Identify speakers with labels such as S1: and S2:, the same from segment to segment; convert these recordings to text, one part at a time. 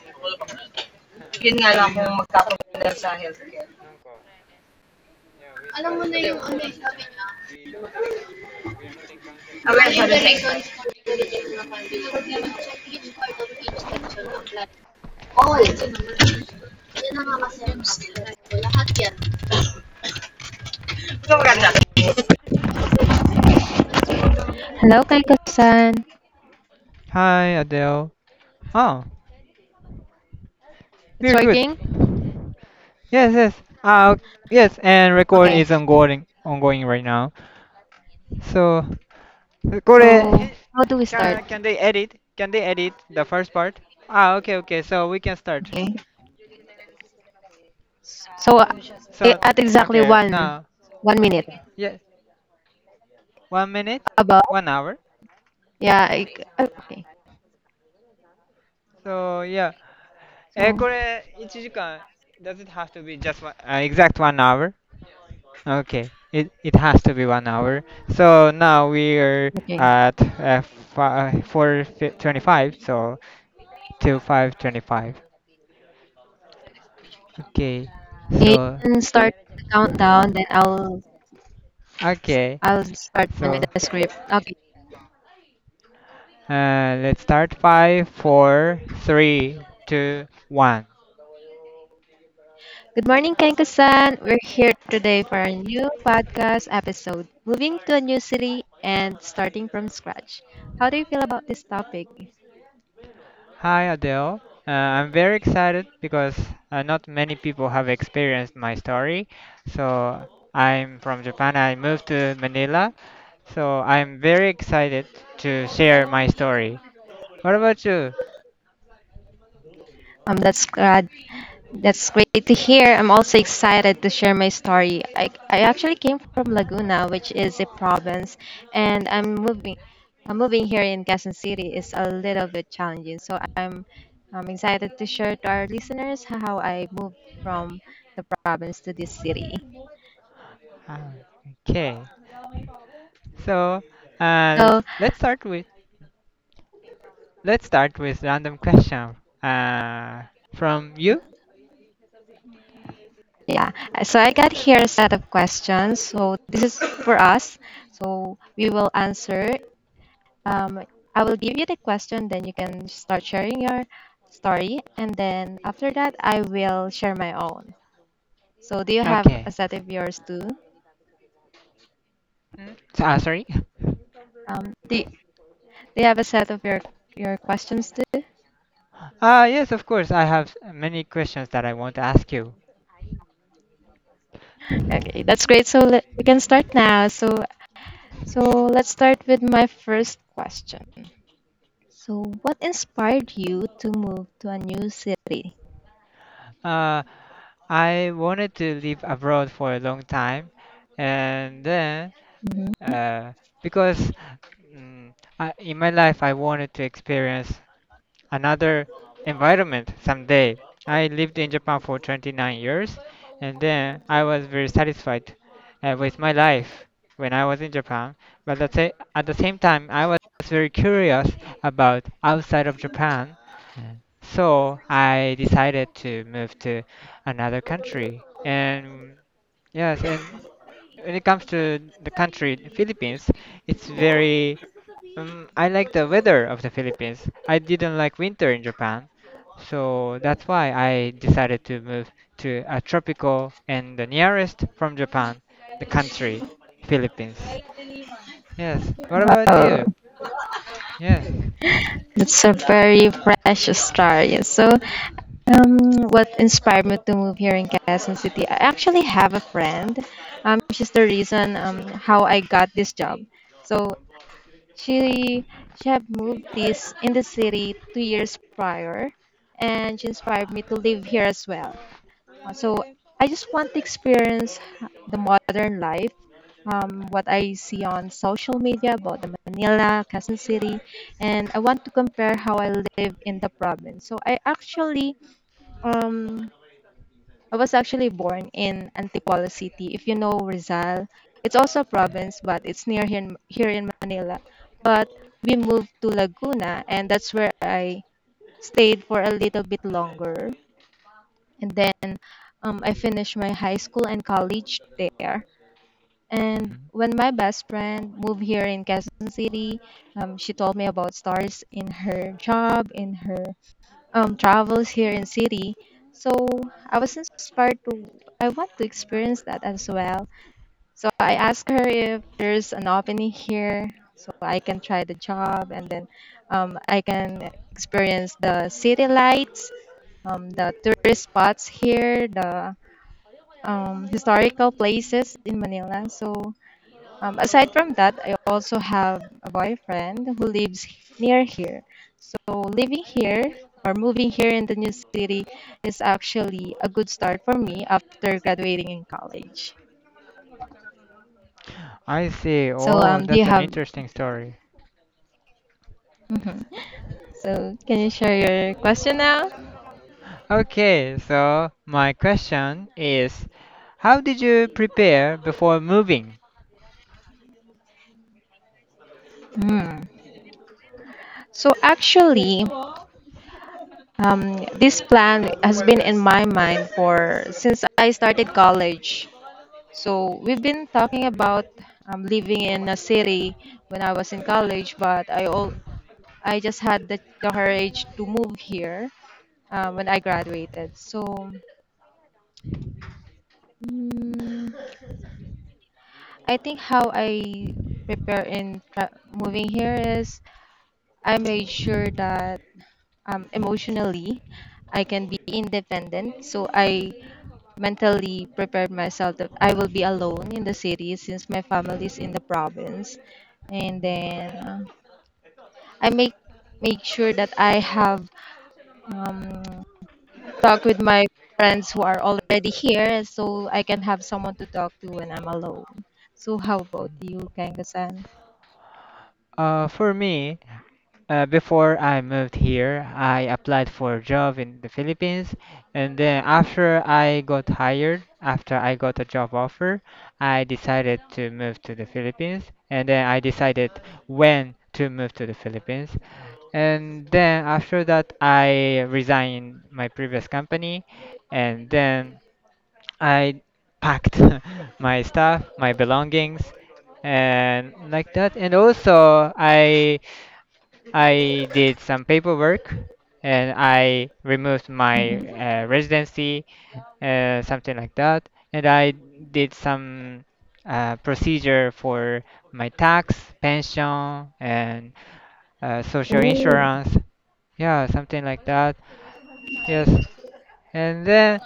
S1: It's working this
S2: yun nga lang kung magkakundar sa healthcare.
S1: time.なんか、yeah, we
S2: Alam mo
S1: started
S2: na yung
S1: recording
S2: ano yung
S1: and
S2: sabi.
S1: we don't encounter, we are not encountering that
S2: Aware siya
S1: error.
S2: dun check each part of each section of plan. All. Yun na nga kasi yung so, lahat yan. So, hello, Kaiko-san.
S1: Hi, Adele. Oh,
S2: It's
S1: we're good.
S2: working?
S1: Yes, yes. Uh, yes, and record
S2: Okay.
S1: is ongoing right now. So,
S2: So, how do we start?
S1: これ、can they edit? Can they edit the first part? Ah, okay, okay. So we can start.
S2: Okay. So,
S1: So,
S2: at exactly
S1: okay,
S2: one,
S1: now,
S2: one minute.
S1: yeah, one minute,
S2: About?
S1: one hour.
S2: Yeah, okay.
S1: So yeah, Uh,
S2: So,
S1: Kore, Ichijikan, does it have to be just one hour? Okay, it has to be one hour. So now we are
S2: okay.
S1: at 4:25, so till 5:25. Okay,
S2: You
S1: so,
S2: can start the countdown, then I'll
S1: okay,
S2: I'll start again with
S1: so
S2: the script. Okay.
S1: let's start. Five, four, three, two, one.
S2: Good morning, Kenko-san. We're here today for our new podcast episode, moving to a new city and starting from scratch. How do you feel about this topic?
S1: Hi, Adele. I'm very excited because not many people have experienced my story. So I'm from Japan. I moved to Manila. So I'm very excited to share my story. What about you?
S2: Um, that's glad That's great to hear. I'm also excited to share my story. I actually came from Laguna, which is a province, and I'm moving here in Quezon City is a little bit challenging. So I'm excited to share to our listeners how I moved from the province to this city.
S1: Ah, okay. So uh,
S2: So
S1: let's start with let's start with random question. Uh, from you?
S2: yeah, so I got here a set of questions. So this is for us. So we will answer Um, I will give you the question, then you can start sharing your story, and then after that, I will share my own. So, do you have a
S1: Okay.
S2: set of yours too?
S1: Ah, sorry.
S2: Do you have a set of your questions too?
S1: Yes, of course. I have many questions that I want to ask you.
S2: Okay, that's great. So we can start now. So let's start with my first question. So, what inspired you to move to a new city?
S1: Uh, I wanted to live abroad for a long time, and then
S2: Mhm.
S1: uh, because mm, in my life I wanted to experience another environment someday. I lived in Japan for 29 years, and then I was very satisfied with my life when I was in Japan. But at the same time, I was very curious about outside of Japan. So I decided to move to another country. And yes, and when it comes to the country, the Philippines, it's very, I like the weather of the Philippines. I didn't like winter in Japan. So that's why I decided to move to a tropical and the nearest from Japan, the country, Philippines. Yes. What about
S2: Oh,
S1: you? Yes.
S2: it's a very precious story. So, Um, what inspired me to move here in Quezon City? I actually have a friend. She's the reason how I got this job. So she she had moved this in the city 2 years prior, and she inspired me to live here as well. So I just want to experience the modern life. What I see on social media about the Manila, Quezon City, and I want to compare how I live in the province. So um I was actually born in Antipolo City. If you know Rizal, it's also a province, but it's near here here in Manila. But we moved to Laguna, and that's where I stayed for a little bit longer. And then I finished my high school and college there. And
S1: Mhm.
S2: when my best friend moved here in Quezon City, she told me about stars in her job, in her travels here in city. So I was inspired to. I want to experience that as well. So I asked her if there's an opening here so I can try the job and then I can experience the city lights, the tourist spots here, the historical places in Manila. So aside from that, I also have a boyfriend who lives near here. So living here or moving here in the new city is actually a good start for me after graduating in college.
S1: I see.
S2: So
S1: Oh,
S2: do you
S1: that's an
S2: have?
S1: interesting story.
S2: Mhm. So can you share your question now?
S1: Okay, so my question is, how did you prepare before moving?
S2: Hmm. So actually, this plan has been in my mind for since I started college. So we've been talking about living in a city when I was in college, but I just had the courage to move here when I graduated. So mm, I think how I prepare in moving here is I made sure that emotionally I can be independent. So I mentally prepared myself that I will be alone in the city since my family is in the province and then I make sure that I have um, talked with my friends who are already here, so I can have someone to talk to when I'm alone. So how about you, Kangasan?
S1: For me, before I moved here, I applied for a job in the Philippines, and then after I got hired, after I got a job offer, I decided to move to the Philippines, and then I decided when to move to the Philippines. And then after that, I resigned my previous company, and then I packed my stuff, my belongings, and like that. And also, I did some paperwork, and I removed my
S2: Mm-hmm.
S1: residency, something like that. And I did some procedure for my tax, pension, and social
S2: Oh,
S1: insurance. Yeah, something like that. Yes, and then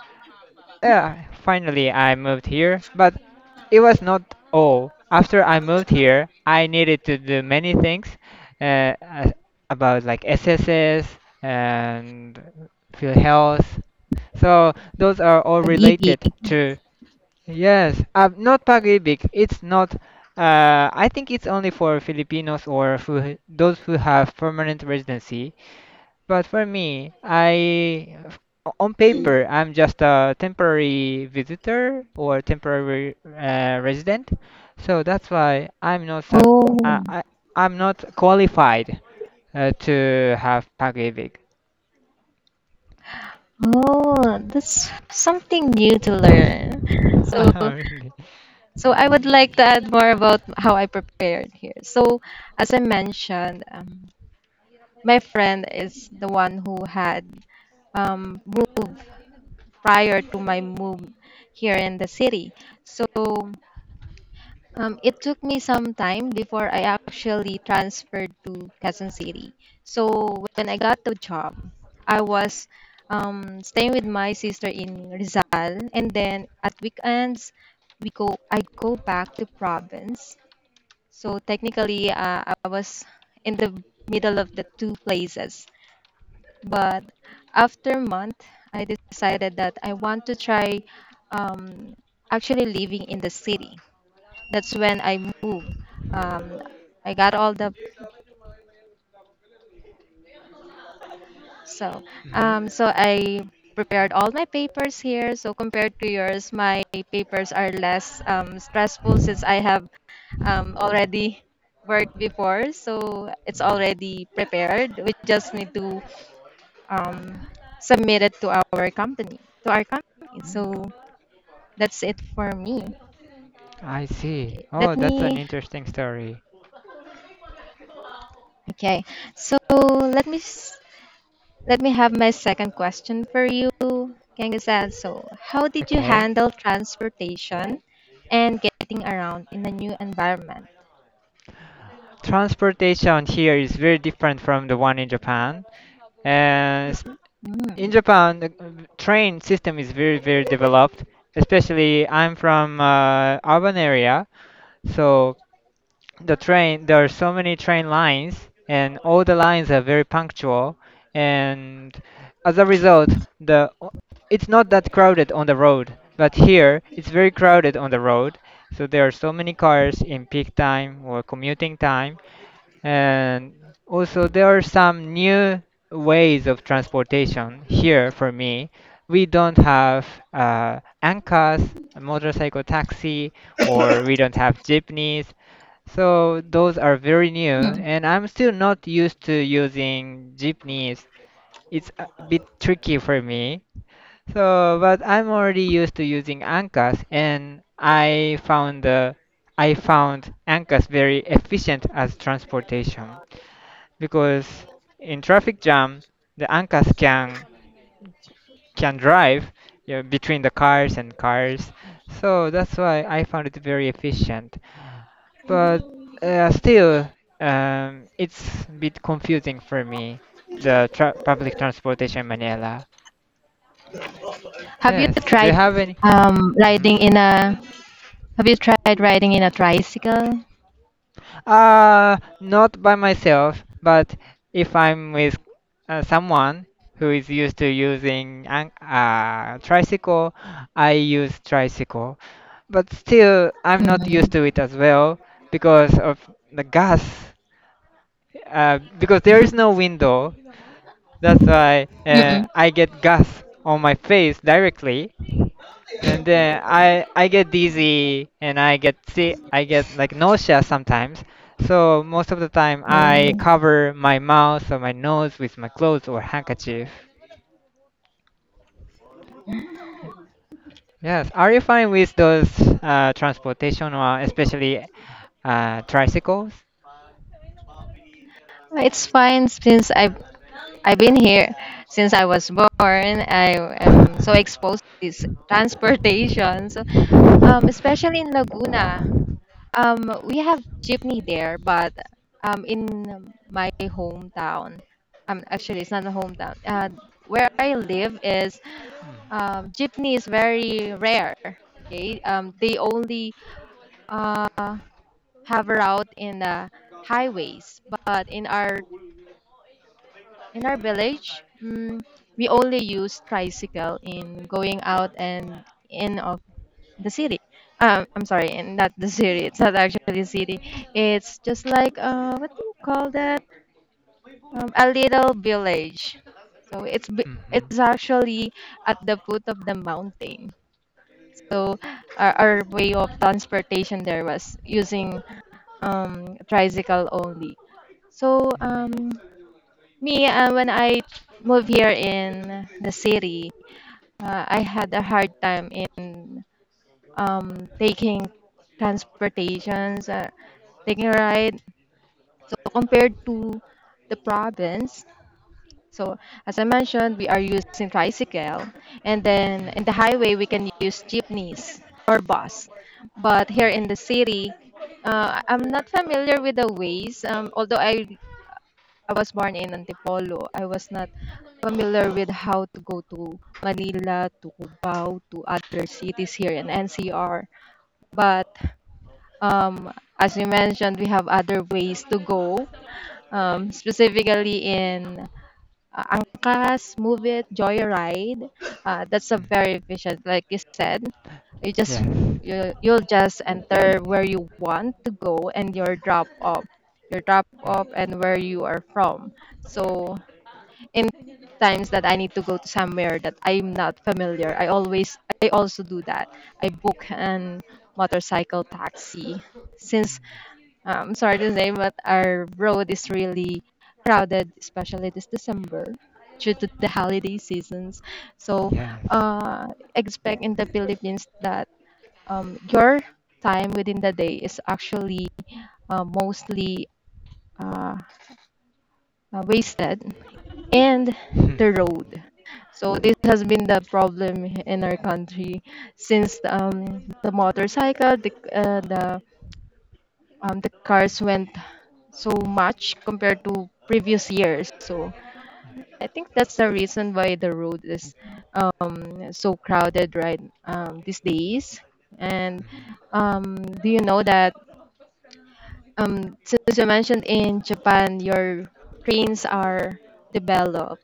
S1: uh, finally I moved here, but it was not all. After I moved here, I needed to do many things uh, a- about like SSS and field health. So those are all
S2: pag-ibig.
S1: related to yes, not Pag-ibig. It's not. I think it's only for Filipinos or those who have permanent residency. But for me, on paper, I'm just a temporary visitor or temporary resident. So that's why I,
S2: Oh,
S1: I I'm not qualified to have Pacific.
S2: oh, that's something new to learn. So,
S1: Really.
S2: so, I would like to add more about how I prepared here. So, as I mentioned, my friend is the one who had moved prior to my move here in the city. So it took me some time before I actually transferred to Quezon City. So when I got the job, I was staying with my sister in Rizal, and then at weekends we go I go back to province. So technically, I was in the middle of the two places. But after a month, I decided that I want to try um, actually living in the city. That's when I moved. Um, I got all the. so
S1: Hmm.
S2: um, so I prepared all my papers here. So compared to yours, my papers are less stressful since I have already worked before. So it's already prepared. We just need to um, submit it to our company, to our company.
S1: Mm.
S2: So that's it for me.
S1: I see.
S2: Okay, let
S1: Oh, that's an
S2: me.
S1: interesting story.
S2: Okay, so let me have my second question for you, Kangasan. So, how did you
S1: Okay.
S2: handle transportation and getting around in a new environment?
S1: Transportation here is very different from the one in Japan. And in
S2: Mm.
S1: Japan, the train system is very, very developed. Especially, I'm from urban area, so there are so many train lines, and all the lines are very punctual. And as a result, the it's not that crowded on the road, but here it's very crowded on the road. So there are so many cars in peak time or commuting time, and also, there are some new ways of transportation here for me. We don't have ANCAs, motorcycle taxi, or we don't have jeepneys. So those are very new, and I'm still not used to using jeepneys. It's a bit tricky for me. So, but I'm already used to using ANCAs, and I found ANCAs very efficient as transportation, because in traffic jam the ancas can drive, between the cars and cars, so that's why I found it very efficient. But still, it's a bit confusing for me, the public transportation in Manila.
S2: Have you
S1: Yes, do you
S2: tried
S1: have any?
S2: um, riding
S1: Mhm.
S2: in a Have you tried riding in a tricycle?
S1: Not by myself, but if I'm with someone who is used to using an tricycle, I use tricycle. But still, I'm not
S2: Mm-hmm.
S1: used to it as well because of the gas. Because there is no window, that's why
S2: Mm-mm.
S1: I get gas on my face directly. And then I get dizzy and I get like nausea sometimes. So most of the time I cover my mouth or my nose with my clothes or handkerchief. Yes, are you fine with those transportation or especially tricycles?
S2: It's fine since I've been here since I was born. I am so exposed to this transportation. So especially in Laguna. We have jeepney there, but in my hometown, actually, it's not a hometown. Where I live is jeepney is very rare. Okay, they only uh, have a route in the highways, but in our village, we only use tricycle in going out and in of the city. I'm sorry, and not the city. It's not actually a city. It's just like what do you call that? A little village. So
S1: Hmm.
S2: it's actually at the foot of the mountain. So our way of transportation there was using tricycle only. So when I moved here in the city, I had a hard time in taking transportations, taking a ride. So compared to the province, so as I mentioned, we are using tricycle, and then in the highway we can use jeepneys or bus. But here in the city, I'm not familiar with the ways. Although I was born in Antipolo, I was not familiar with how to go to Manila, to Cubao, to other cities here in NCR. But um, as you mentioned, we have other ways to go, specifically in Angkas, Move It, Joyride. That's a very efficient, like you said. You just
S1: Yes.
S2: you'll just enter where you want to go and your drop off, and where you are from. So in times that I need to go to somewhere that I'm not familiar, I also do that. I book an motorcycle taxi since
S1: Mm.
S2: I'm sorry to say, but our road is really crowded, especially this December due to the holiday seasons. So,
S1: Yes.
S2: uh, expect in the Philippines that your time within the day is actually mostly uh, wasted and
S1: Mm.
S2: the road. So this has been the problem in our country since the motorcycle, the cars went so much compared to previous years. So I think that's the reason why the road is so crowded right these days. And um, do you know that since you mentioned in Japan, your trains are developed.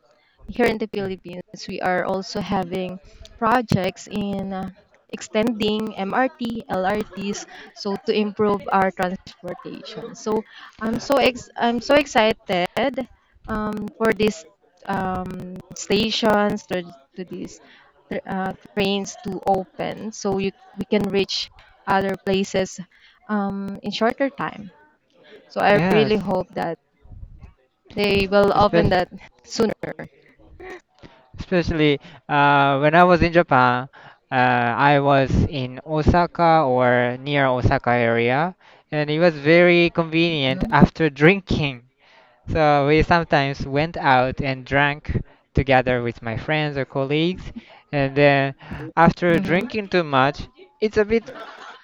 S2: Here in the
S1: Mm.
S2: Philippines, we are also having projects in extending MRT, LRTs, so to improve our transportation. So I'm so excited for these stations, to these trains to open, so we can reach other places in shorter time. So I
S1: Yes.
S2: really hope that they will open
S1: Especially.
S2: that sooner.
S1: Especially when I was in Japan, I was in Osaka or near Osaka area, and it was very convenient after drinking. So we sometimes went out and drank together with my friends or colleagues, and then after
S2: Hmm.
S1: drinking too much, it's a bit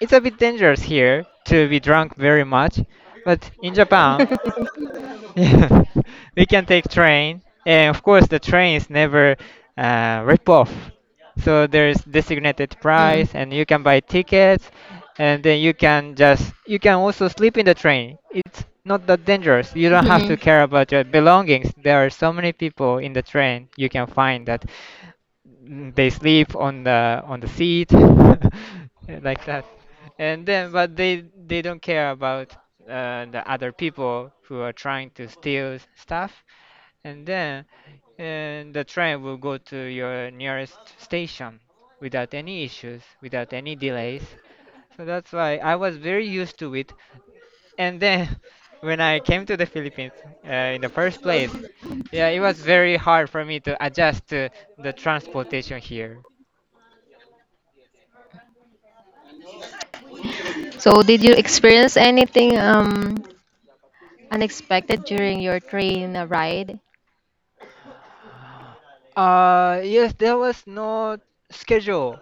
S1: it's a bit dangerous here to be drunk very much, but in Japan. Yeah, we can take train, and of course the train is never rip off. So there's designated price, and you can buy tickets, and then you can also sleep in the train. It's not that dangerous. You don't have to
S2: Mm-hmm.
S1: care about your belongings. There are so many people in the train. You can find that they sleep on the seat like that, and then but they don't care about the other people who are trying to steal stuff, and then and the train will go to your nearest station without any issues, without any delays. So that's why I was very used to it. And then when I came to the Philippines in the first place, yeah, it was very hard for me to adjust to the transportation here.
S2: So did you experience anything unexpected during your train ride?
S1: Yes, there was no schedule.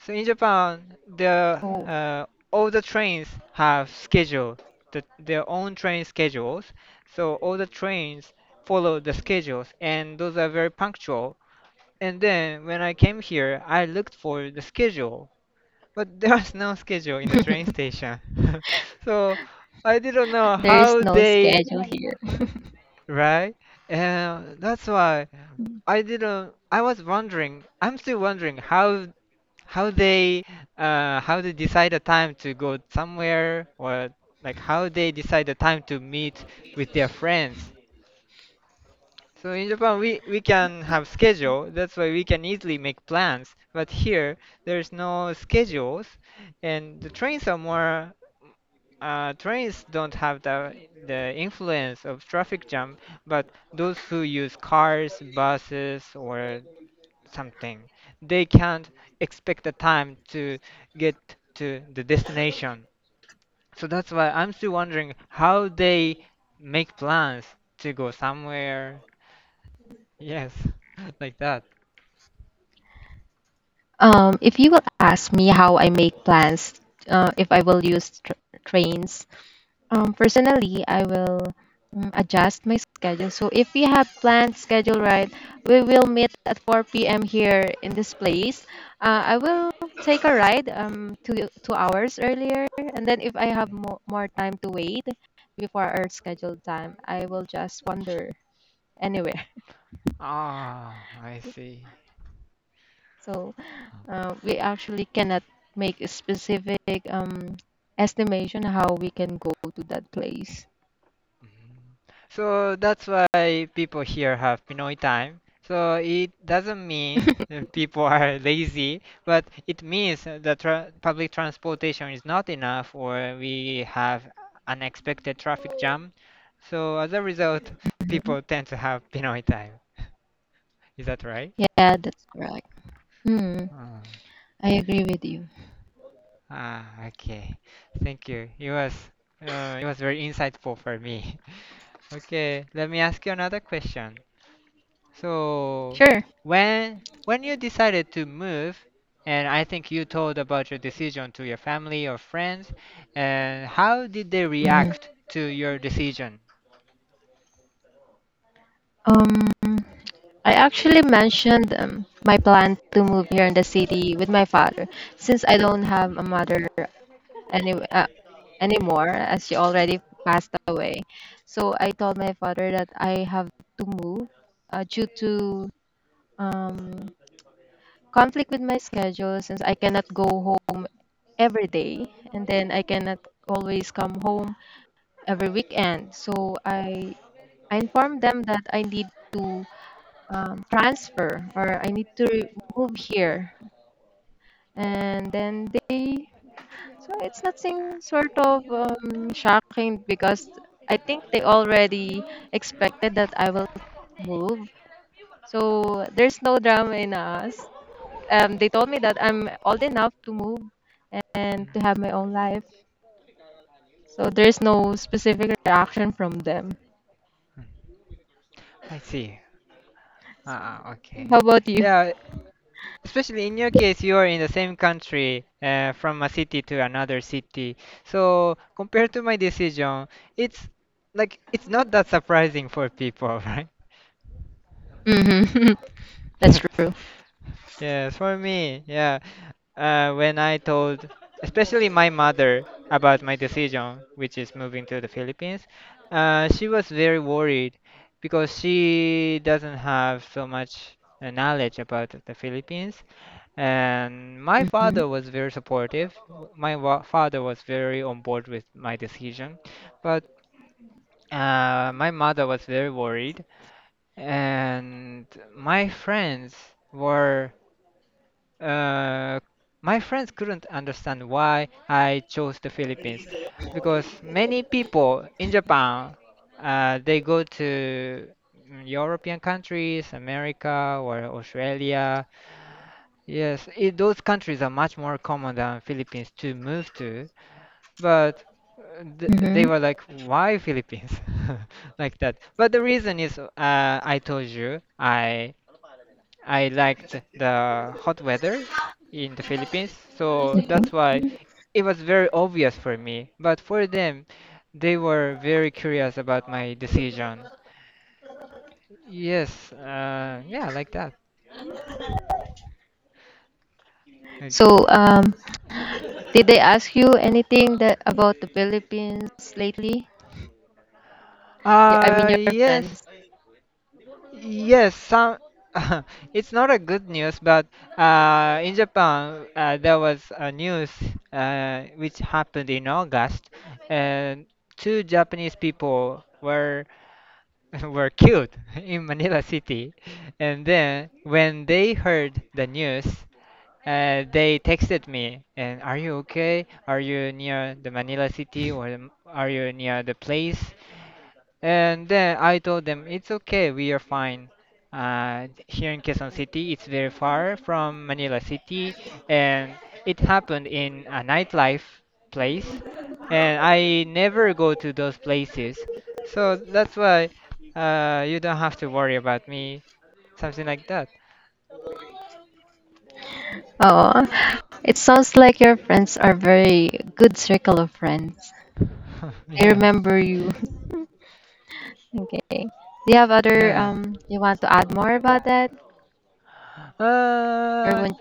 S1: So in Japan, the
S2: Oh.
S1: all the trains have schedule, their own train schedules. So all the trains follow the schedules, and those are very punctual. And then when I came here, I looked for the schedule, but there was no schedule in the train station. So I didn't know
S2: There is
S1: how
S2: no
S1: they
S2: schedule here.
S1: right, and that's why I didn't. I was wondering. I'm still wondering how they how they decide a time to go somewhere, or like how they decide the time to meet with their friends. So in Japan we can have schedule, that's why we can easily make plans. But here there's no schedules, and the trains are more trains don't have the influence of traffic jam, but those who use cars, buses or something. They can't expect the time to get to the destination. So that's why I'm still wondering how they make plans to go somewhere. Yes, like that.
S2: If you will ask me how I make plans, if I will use tr trains,
S1: Mm.
S2: Personally, I will adjust my schedule. So if we have planned schedule right, we will meet at 4 p.m. here in this place. I will take a ride two hours earlier, and then if I have
S1: Mm.
S2: more time to wait before our scheduled time, I will just wander anywhere.
S1: Ah, I see.
S2: So we actually cannot make a specific estimation how we can go to that place.
S1: Mhm. So that's why people here have Pinoy time. So it doesn't mean that people are lazy, but it means that tra public transportation is not enough, or we have unexpected traffic jam. So as a result,
S2: Mhm.
S1: people tend to have Pinoy time. Is that right?
S2: Yeah, that's right. Hmm,
S1: Ah,
S2: I agree with you.
S1: ah, okay. Thank you. It was very insightful for me. Okay, let me ask you another question. So
S2: Sure.
S1: when you decided to move, and I think you told about your decision to your family or friends, and how did they
S2: Mhm.
S1: react to your decision?
S2: Um, I actually mentioned my plan to move here in the city with my father since I don't have a mother any, uh, anymore as she already passed away. So I told my father that I have to move due to um, conflict with my schedule since I cannot go home every day and then I cannot always come home every weekend. So I informed them that I need to transfer or I need to move here. And then so it's nothing sort of shocking because I think they already expected that I will move. So there's no drama in us. They told me that I'm old enough to move
S1: Mm,
S2: and to have my own life. So there's no specific reaction from them.
S1: I see. Ah, ah,
S2: How
S1: okay.
S2: about you?
S1: Yeah, especially in your case, you are in the same country, from a city to another city. So compared to my decision, it's it's not that surprising for people, right?
S2: Hmm. That's true.
S1: Yes, for me, yeah. When I told, especially my mother, about my decision, which is moving to the Philippines, she was very worried because she doesn't have so much knowledge about the Philippines. And my
S2: hmm
S1: father was very supportive. My wa father was very on board with my decision, but my mother was very worried, and my friends were. Uh, my friends couldn't understand why I chose the Philippines, because many people in Japan they go to European countries, America or Australia. Yes, those countries are much more common than Philippines to move to, but th they were
S2: hmm.
S1: like, why Philippines? Like that. But the reason is, I told you, I liked the hot weather in the Philippines, so that's
S2: Okay.
S1: why it was very obvious for me. But for them, they were very curious about my decision. Yes, yeah, like that. Like-
S2: So, did they ask you anything that about the Philippines lately? I mean, your
S1: Yes,
S2: friends.
S1: yes, some. It's not a good news, but in Japan, there was a news which happened in August, and two Japanese people were were killed in Manila City. And then when they heard the news, they texted me and are you okay? Are you near the Manila City or are you near the place? And then I told them it's okay, we are fine. Here in Quezon City, it's very far from Manila City, and it happened in a nightlife place, and I never go to those places, so that's why you don't have to worry about me, something like that.
S2: Oh, it sounds like your friends are very good circle of friends. They
S1: Yeah,
S2: remember you. Okay. Do you have other
S1: yeah.
S2: um you want to add more about that? Or
S1: Uh,
S2: when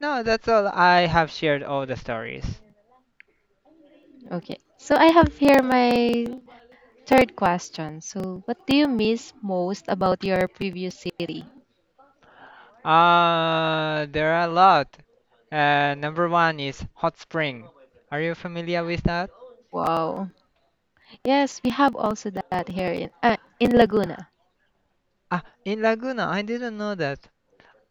S1: no, that's all. I have shared all the stories.
S2: okay. So I have here my third question. So what do you miss most about your previous city?
S1: There are a lot. Number one is hot spring. Are you familiar with that?
S2: Wow. Yes, we have also that here in Laguna.
S1: Ah, in Laguna, I didn't know that.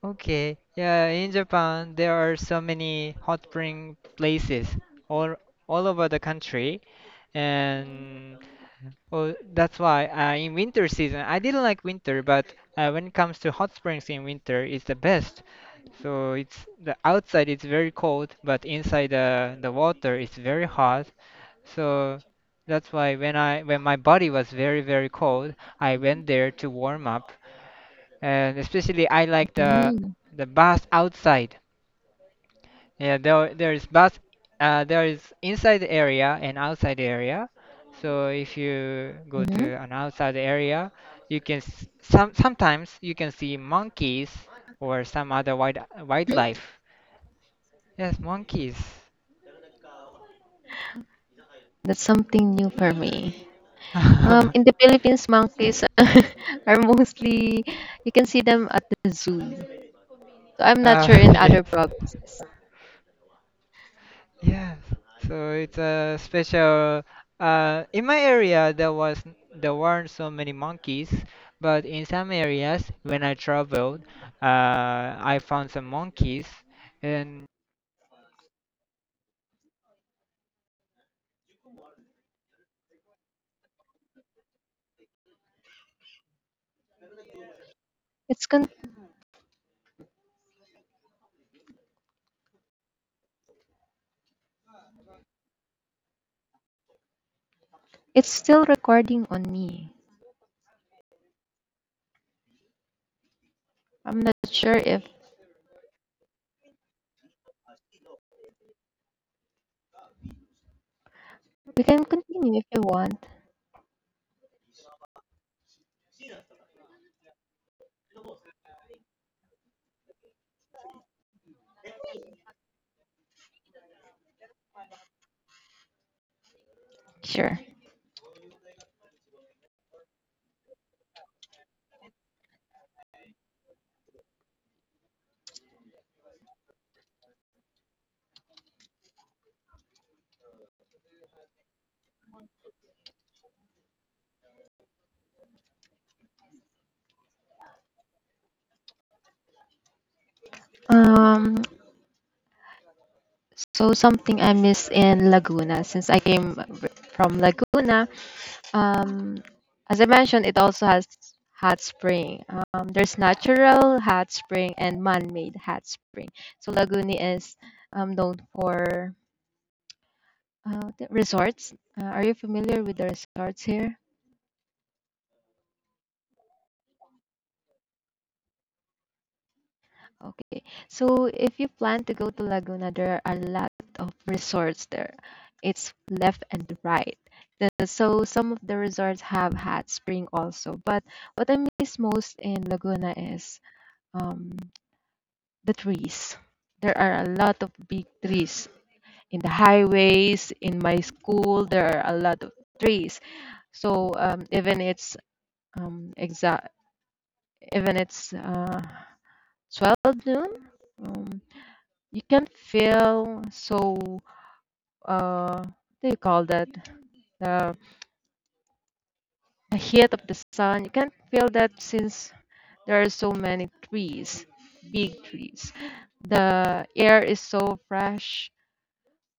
S1: Okay, yeah, in Japan there are so many hot spring places all all over the country, and oh, that's why in winter season I didn't like winter, but when it comes to hot springs in winter, it's the best. So it's the outside it's very cold, but inside the water it's very hot. So that's why when my body was very very cold, I went there to warm up. And especially I like
S2: Mm-hmm.
S1: the bath outside. Yeah, there is bath, there is inside the area and outside area. So if you go to an outside area, you can sometimes you can see monkeys or some other wildlife. Yes, monkeys.
S2: That's something new for me. In the Philippines, monkeys are mostly you can see them at the zoo. So I'm not sure
S1: Uh,
S2: in
S1: yes.
S2: other provinces.
S1: Yes, so it's a special. In my area, there weren't so many monkeys, but in some areas, when I traveled, I found some monkeys, and
S2: It's con- it's still recording on me. I'm not sure if we can continue if you want. Sure. Um, so something I miss in Laguna since I came from Laguna. Um, as I mentioned, it also has hot spring. There's natural hot spring and man-made hot spring. So Laguna is known for the resorts. Are you familiar with the resorts here? Okay. So if you plan to go to Laguna, there are a lot of resorts there. It's left and right. So some of the resorts have hot spring also. But what I miss most in Laguna is um, the trees. There are a lot of big trees in the highways. In my school, there are a lot of trees. So um, exact, even it's 12 noon, um, you can feel so what do you call that? The, the heat of the sun. You can feel that since there are so many trees, big trees. The air is so fresh.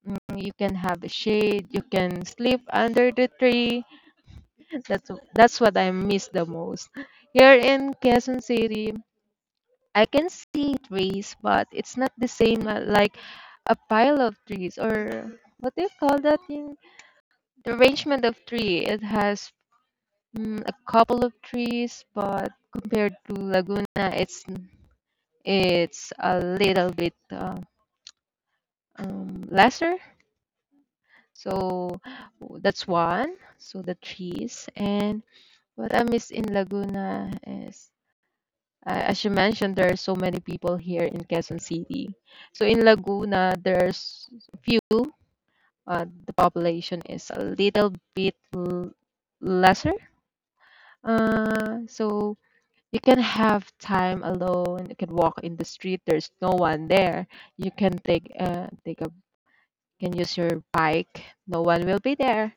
S2: Mm. You can have a shade. You can sleep under the tree. That's what I miss the most. Here in Quezon City, I can see trees, but it's not the same like a pile of trees or what do you call that thing? The arrangement of tree. It has mm, a couple of trees, but compared to Laguna, it's a little bit lesser. So that's one. So the trees and what I miss in Laguna is, as you mentioned, there are so many people here in Quezon City. So in Laguna, there's few. The population is a little bit lesser. So you can have time alone. You can walk in the street. There's no one there. You can take take a can use your bike. No one will be there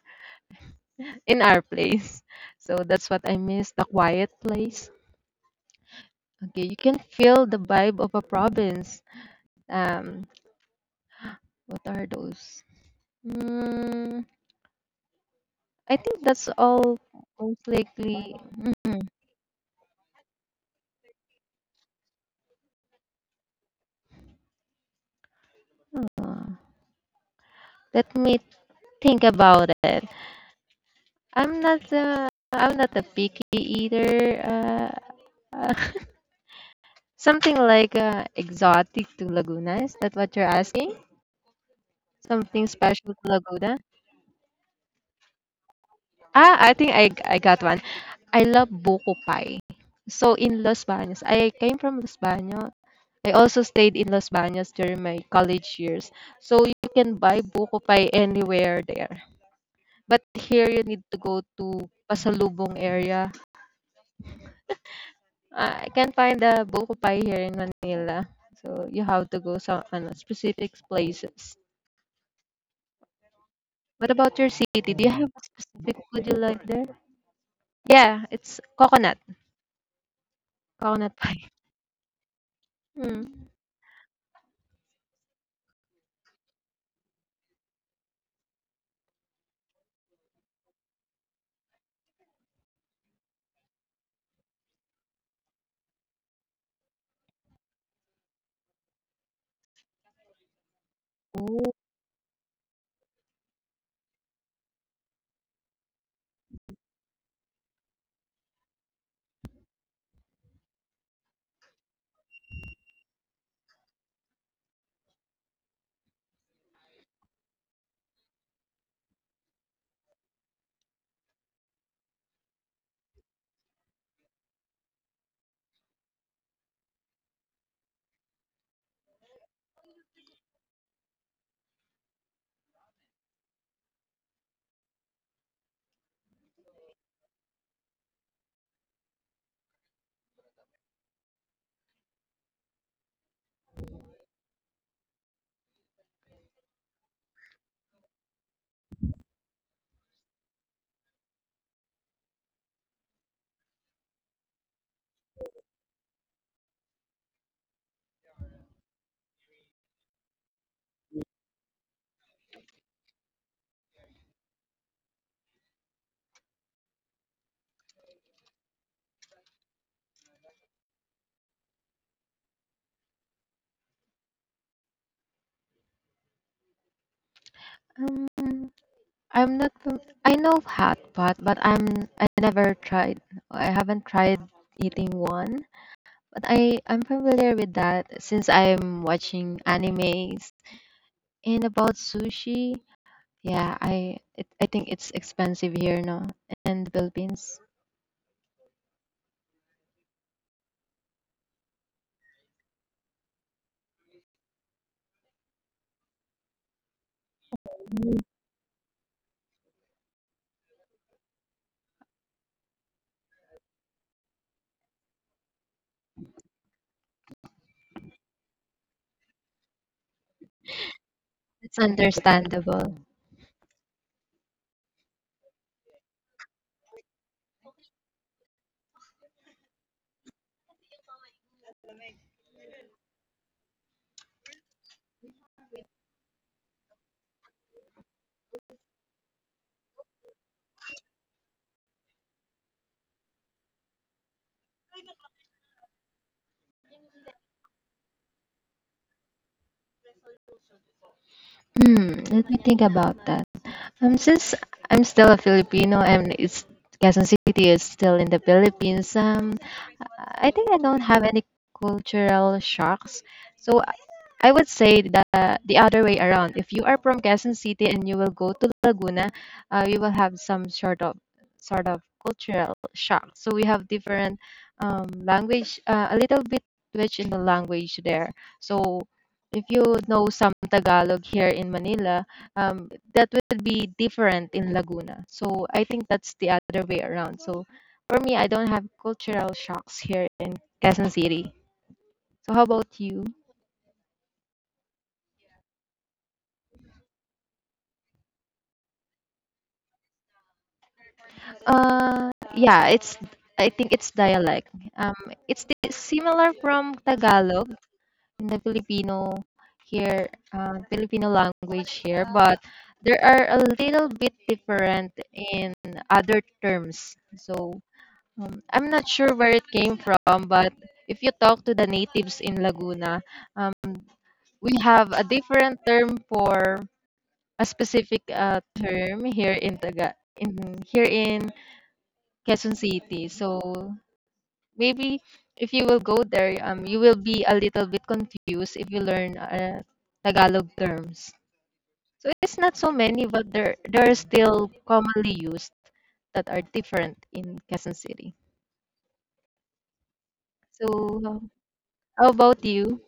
S2: in our place. So that's what I miss, the quiet place. Okay, you can feel the vibe of a province. Um, what are those? Mm, I think that's all most likely. Mm, uh, Let me think about it. I'm not a picky eater. Uh, something like exotic to Laguna. Is that what you're asking? Something special to Laguna? Ah, I think I got one. I love buko pie. So in Los Baños, I came from Los Baños. I also stayed in Los Baños during my college years. So you can buy buko pie anywhere there. But here you need to go to Pasalubong area. Ah, I can't find the buko pie here in Manila. So you have to go some ano, specific places. What about your city? Do you Mm. have a specific food you like there? Yeah, it's coconut. Coconut pie. Mm. Um, I'm not I know of hot pot, but I never tried. I haven't tried eating one, but I'm familiar with that since I'm watching animes. And about sushi, yeah, I think it's expensive here, no, in the Philippines. It's understandable. Hmm, let me think about that. Since I'm still a Filipino and it's Quezon City is still in the Philippines, I think I don't have any cultural shocks. So I would say that the other way around. If you are from Quezon City and you will go to Laguna, you will have some sort of cultural shock. So we have different language, a little bit which in the language there. So if you know some Tagalog here in Manila, that will be different in Laguna. So I think that's the other way around. So for me, I don't have cultural shocks here in Quezon City. So how about you? Yeah, it's I think it's dialect. Um, similar from Tagalog in the Filipino here, Filipino language here, but there are a little bit different in other terms. So I'm not sure where it came from, but if you talk to the natives in Laguna, um, we have a different term for a specific term here in Taga in here in Quezon City. So maybe if you will go there, you will be a little bit confused if you learn Tagalog terms. So it's not so many, but there are still commonly used that are different in Quezon City. So how about you?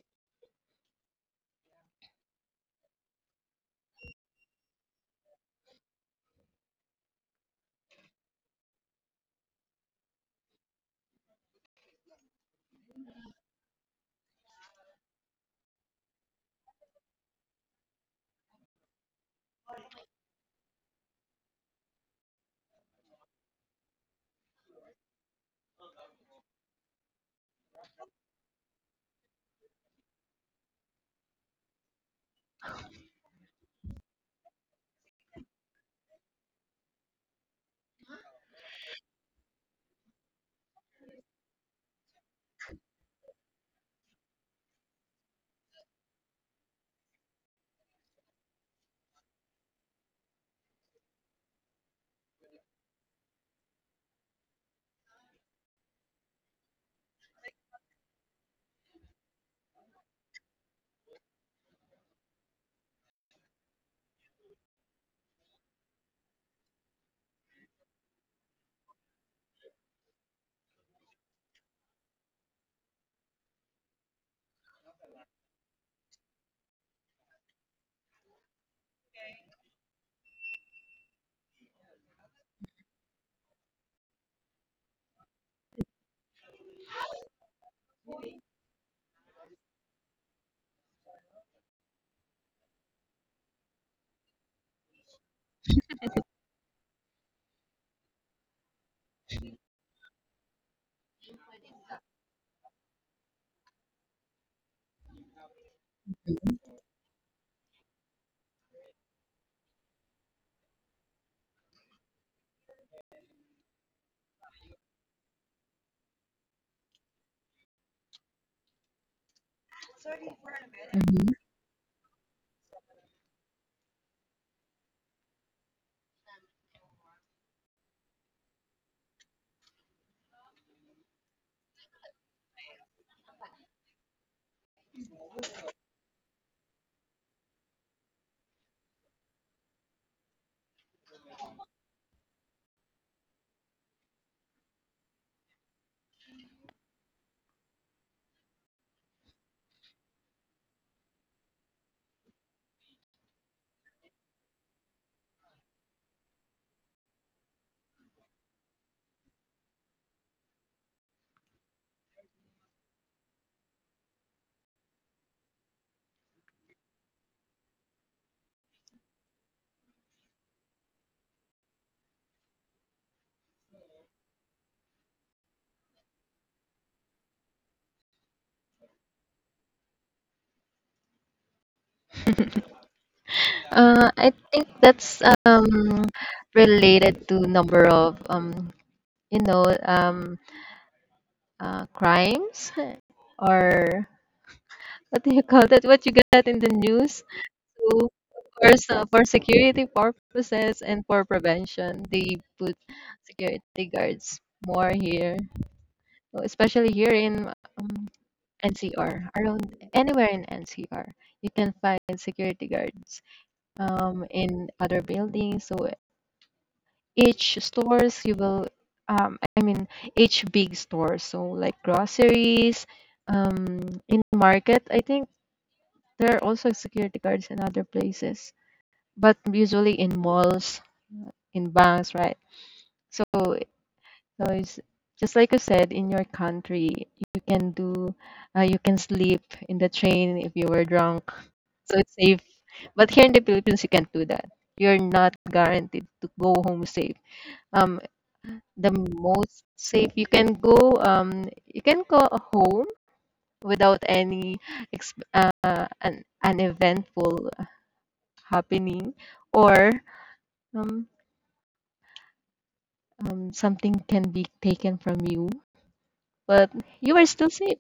S2: Hmm. I think that's related to number of you know um crimes or what do you call that? What you got in the news? So, of course, for security purposes and for prevention, they put security guards more here. So, especially here in um, NCR, around anywhere in NCR. You can find security guards in other buildings. So each stores you will I mean each big store, so like groceries, um, in market, I think there are also security guards in other places, but usually in malls, in banks, right? So so it's just like you said in your country, you can do you can sleep in the train if you were drunk, so it's safe. But here in the Philippines you can't do that. You're not guaranteed to go home safe. um the most safe you can go, you can go home without any an eventful happening or um, something can be taken from you, but you are still safe.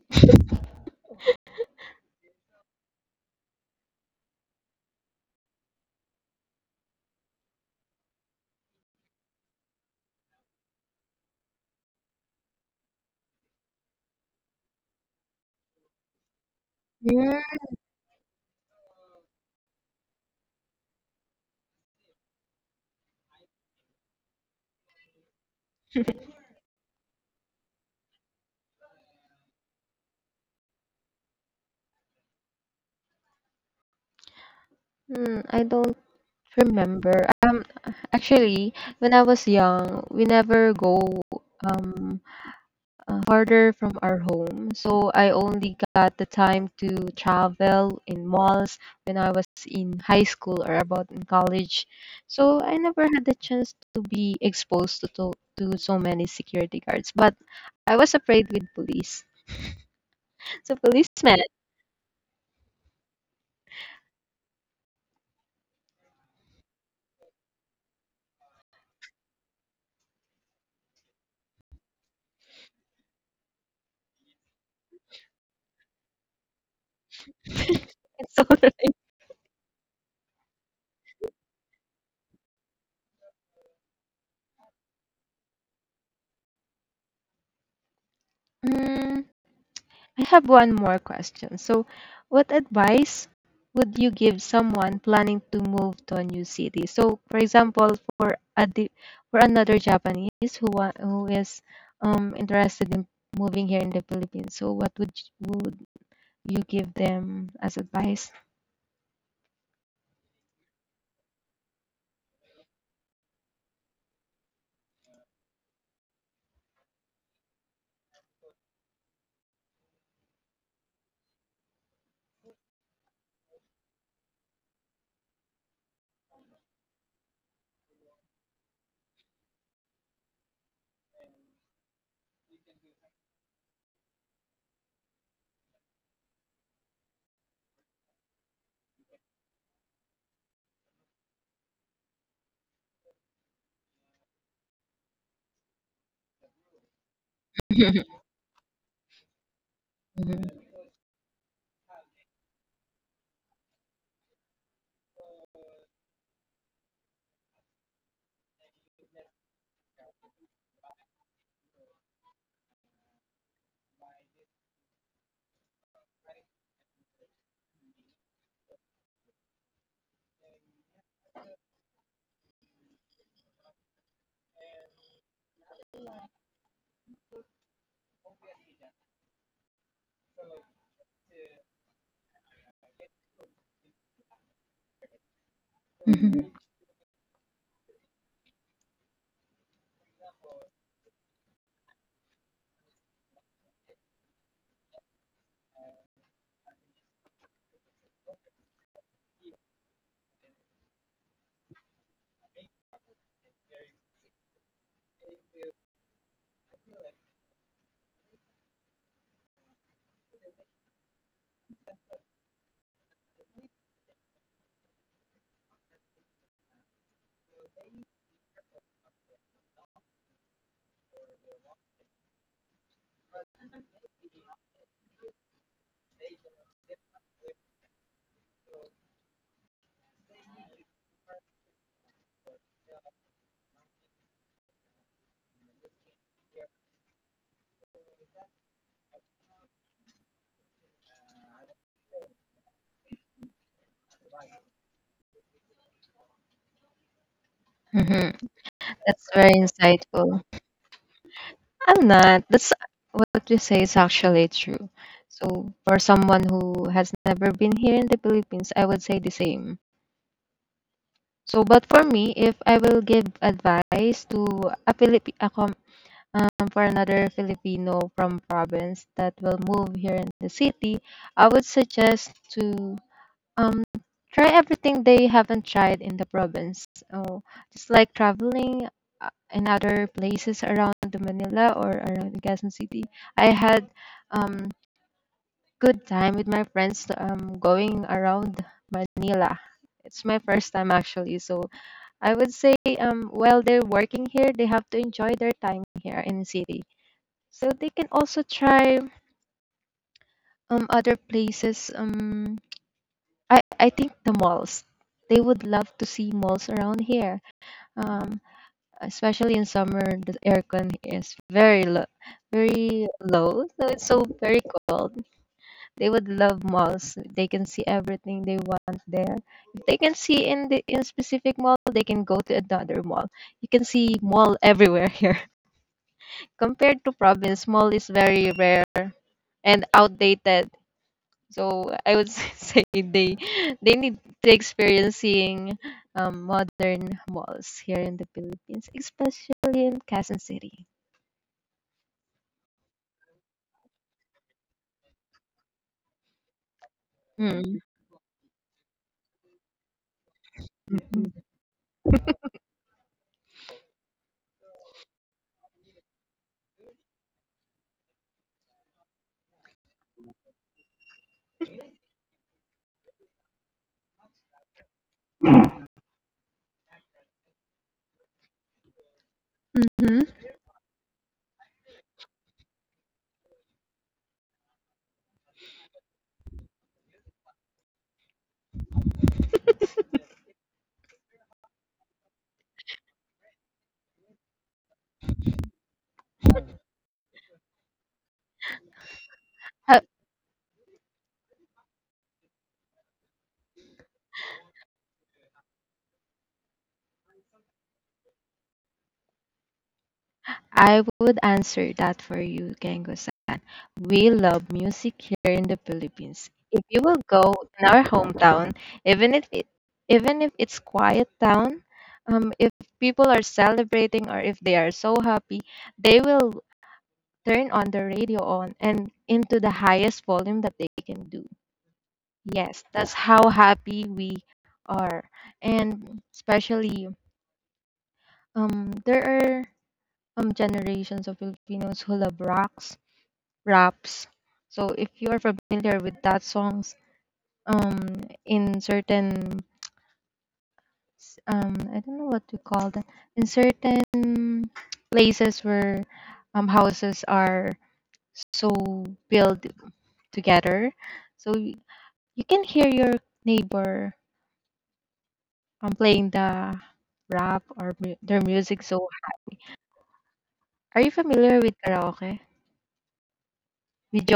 S2: Hmm, I don't remember actually when I was young we never go um farther from our home. So I only got the time to travel in malls when I was in high school or about in college. So I never had the chance to be exposed to, so many security guards. But I was afraid with police. So policemen, it's all right. I have one more question. So, what advice would you give someone planning to move to a new city? So, for example, for a di- for another Japanese who who is interested in moving here in the Philippines. So, what would you give them as advice? Mhm, mhm, mhm. That's very insightful. I'm not. That's what you say is actually true. So, for someone who has never been here in the Philippines, I would say the same. So, but for me, if I will give advice to a Philippi a com- for another Filipino from province that will move here in the city, I would suggest to um try everything they haven't tried in the province. So, just like traveling in other places around the Manila or around Quezon City, I had um good time with my friends going around Manila. It's my first time actually, so I would say while they're working here, they have to enjoy their time here in the city. So they can also try other places. I think the malls. They would love to see malls around here, um, especially in summer. The aircon is very low, so it's so very cold. They would love malls. They can see everything they want there. If they can see in the in specific mall, they can go to another mall. You can see mall everywhere here. Compared to province, small is very rare and outdated. So I would say they need to experience seeing modern malls here in the Philippines, especially in Quezon City. Mm-hmm. I would answer that for you, Gengo-san. We love music here in the Philippines. If you will go in our hometown, even if it, even if it's quiet town, if people are celebrating or if they are so happy, they will turn on the radio on and into the highest volume that they can do. Yes, that's how happy we are, and especially there are generations of Filipinos who love rock raps. So if you are familiar with that songs, um, in certain, I don't know what to call that. In certain places where, houses are so built together, so you can hear your neighbor, playing the rap or their music. So are you familiar with karaoke? With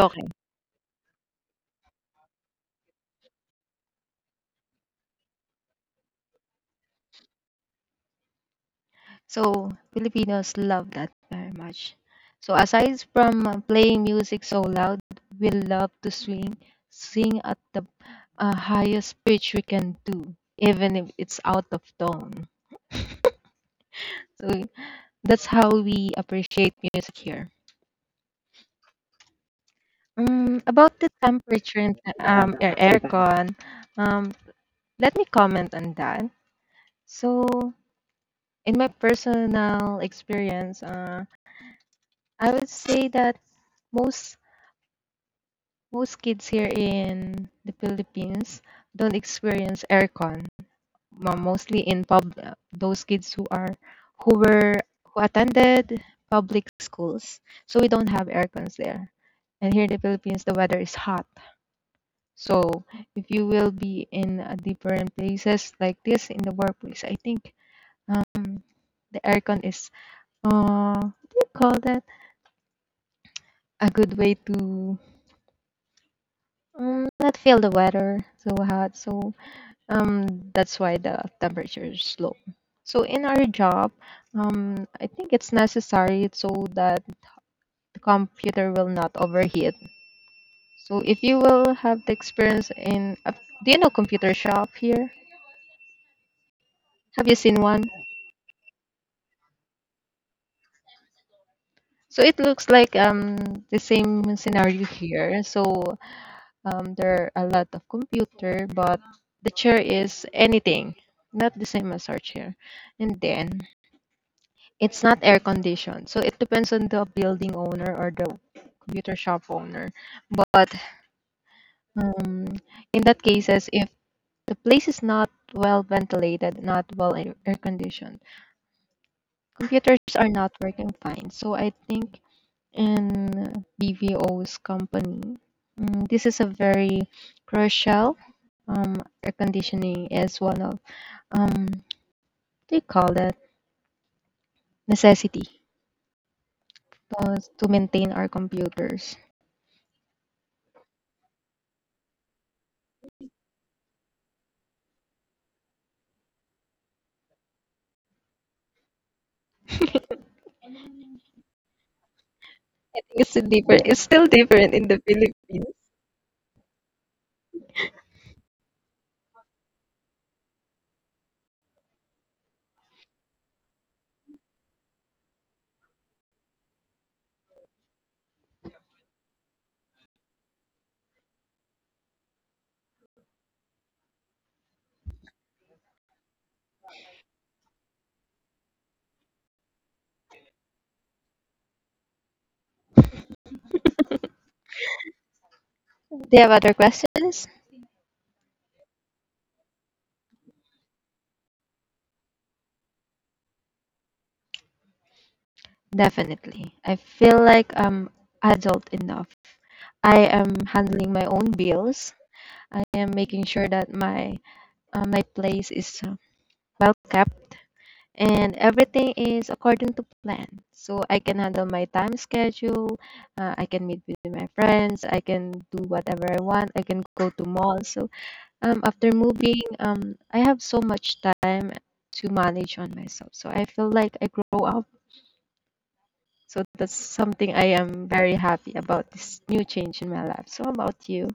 S2: So Filipinos love that very much. So aside from playing music so loud, we love to sing at the highest pitch we can do, even if it's out of tone. So that's how we appreciate music here. About the temperature and aircon, um, let me comment on that. So in my personal experience, I would say that most most kids here in the Philippines don't experience aircon. Mostly those kids who are who were who attended public schools, so we don't have aircons there. And here in the Philippines, the weather is hot. So if you will be in different places like this in the workplace, I think um, the aircon is what do you call that? A good way to not feel the weather so hot. So um that's why the temperature is low. So in our job, I think it's necessary so that the computer will not overheat. So if you will have the experience in a, do you know computer shop here, have you seen one? So it looks like the same scenario here. So there are a lot of computer, but the chair is anything not the same as our chair. And then it's not air conditioned, so it depends on the building owner or the computer shop owner. But um, in that cases, if the place is not well ventilated, not well air conditioned, computers are not working fine. So I think in BVO's company, mm, this is a very crucial. Um, Air conditioning is one of what do you call that necessity to maintain our computers. It's still different. It's still different in the Philippines. Do you have other questions? Definitely. I feel like I'm adult enough. I am handling my own bills. I am making sure that my place is well kept and everything is according to plan. So I can handle my time schedule. I can meet with my friends. I can do whatever I want. I can go to malls. So after moving, I have so much time to manage on myself. So I feel like I grow up. So that's something I am very happy about this new change in my life. So how about you?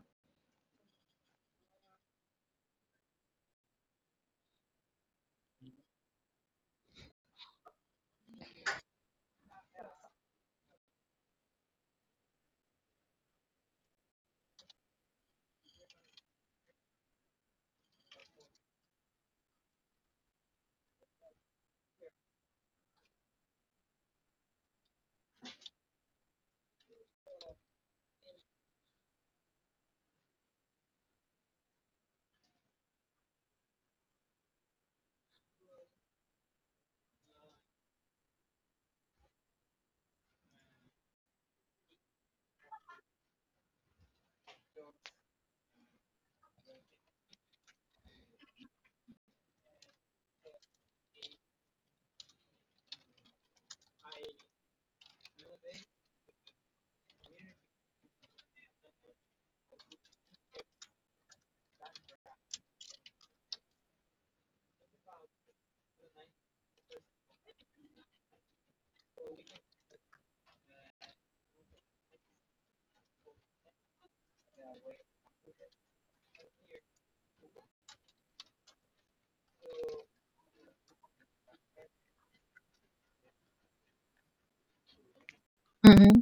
S2: Mm-hmm.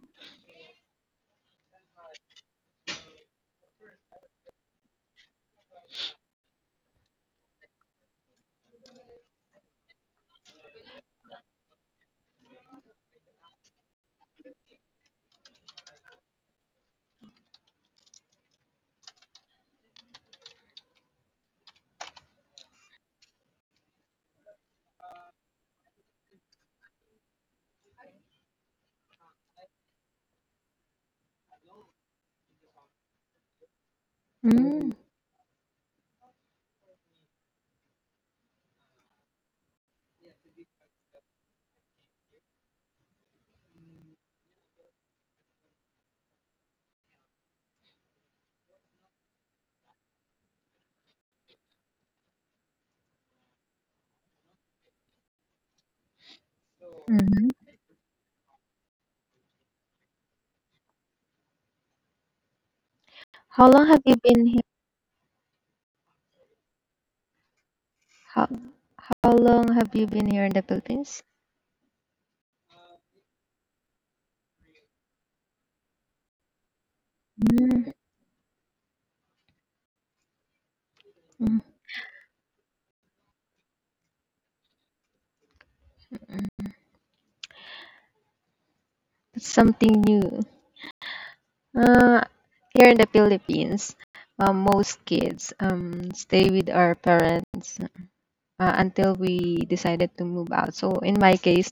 S2: Mm. Mm-hmm. How long have you been here? How, how long have you been here in the Philippines? Mm. Mm. That's something new. Uh, Here in the Philippines, most kids stay with our parents until we decided to move out. So in my case,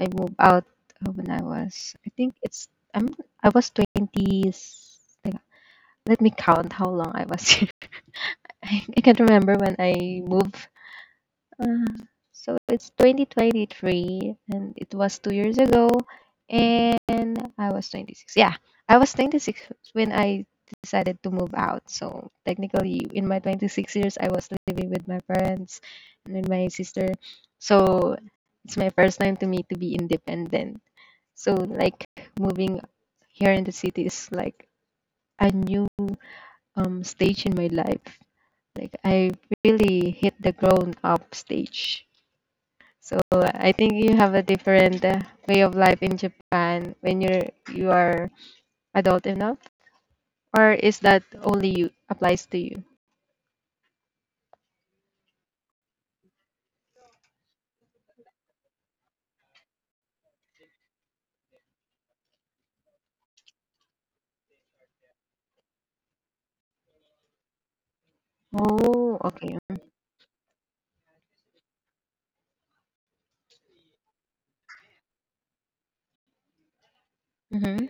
S2: I moved out when I was, I think it's, I'm, I was 20s. Let me count how long I was here. I can't remember when I moved, uh, so it's 2023 and it was 2 years ago and I was 26. Yeah, I was 26 when I decided to move out. So technically in my 26 years I was living with my parents and with my sister. So it's my first time to me to be independent. So like moving here in the city is like a new stage in my life. Like I really hit the grown up stage. So I think you have a different way of life in Japan when you are adult enough, or is that only you applies to you? Oh, okay. Mm-hmm.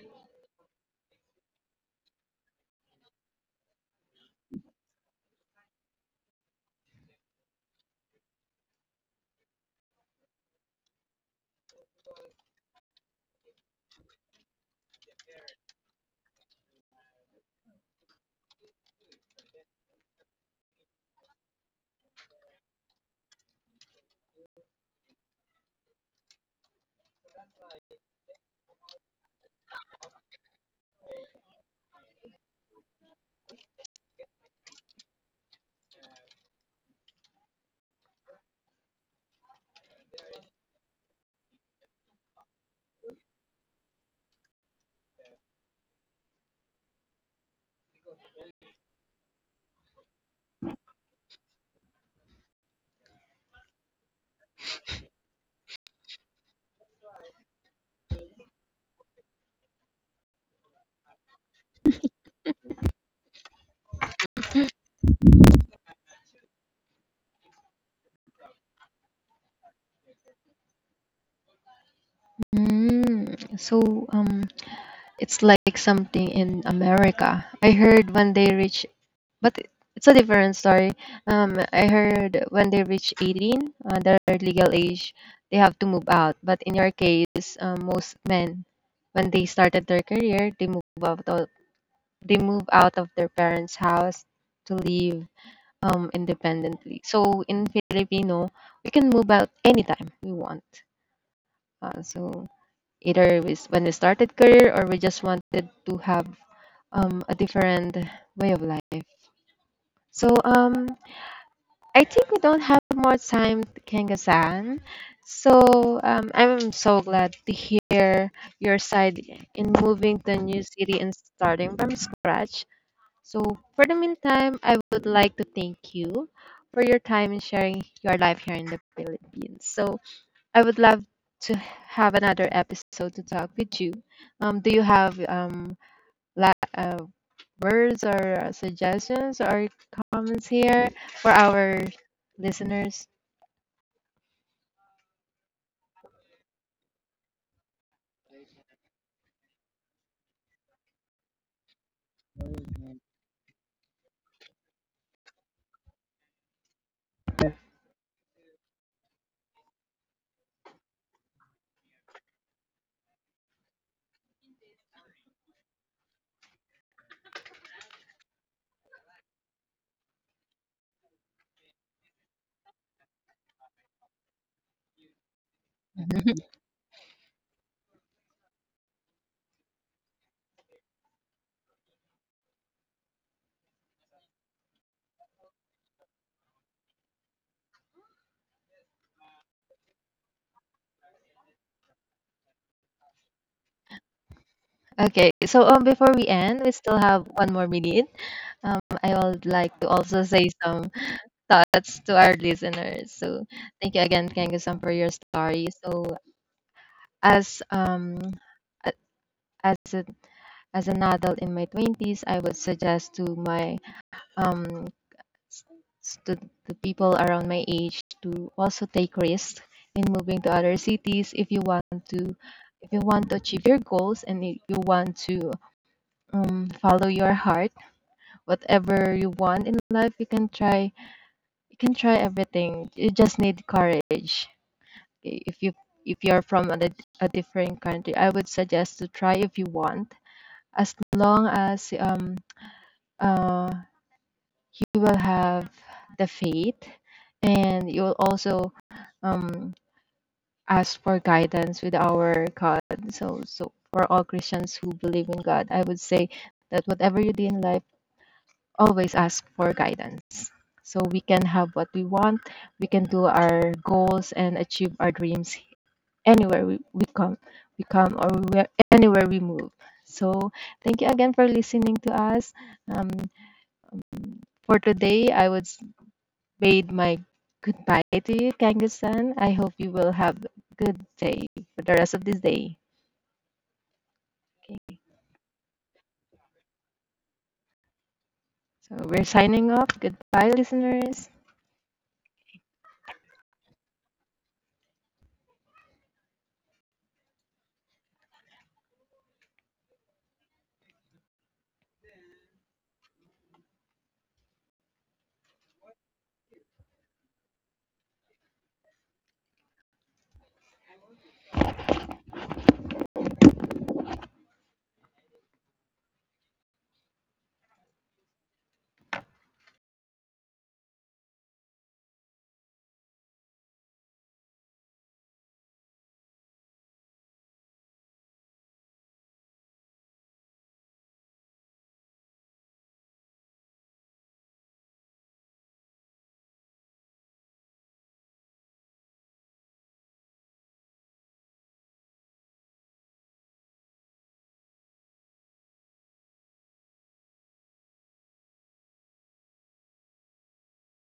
S2: Mm, so it's like something in America. I heard when they reach, but it's a different story. I heard when they reach 18, their legal age, they have to move out. But in your case, most men, when they started their career, they move out they move out of their parents' house to live independently. So in Filipino, we can move out anytime we want. So either we, when we started career or we just wanted to have a different way of life. So I think we don't have more time, Kenga-san. So I'm so glad to hear your side in moving to a new city and starting from scratch. So, for the meantime, I would like to thank you for your time and sharing your life here in the Philippines. So, I would love to have another episode to talk with you. Do you have la- uh, words or suggestions or comments here for our listeners? Okay, so before we end, we still have one more minute. I would like to also say some thoughts to our listeners. So thank you again, Kangasam, for your story. So as a- as a, as an adult in my twenties, I would suggest to my um s- to the people around my age to also take risks in moving to other cities if you want to, if you want to achieve your goals, and if you want to follow your heart, whatever you want in life. You can try, you can try everything, you just need courage. Okay, if you if you're from a, a different country, I would suggest to try if you want, as long as uh you will have the faith, and you'll also um ask for guidance with our God. So for all Christians who believe in God, I would say that whatever you do in life, always ask for guidance so we can have what we want, we can do our goals and achieve our dreams anywhere we come, or where, anywhere we move. So thank you again for listening to us. um, for today, I bid my goodbye to you, Kangasan. I hope you will have good day for the rest of this day. Okay, so we're signing off. Goodbye, listeners.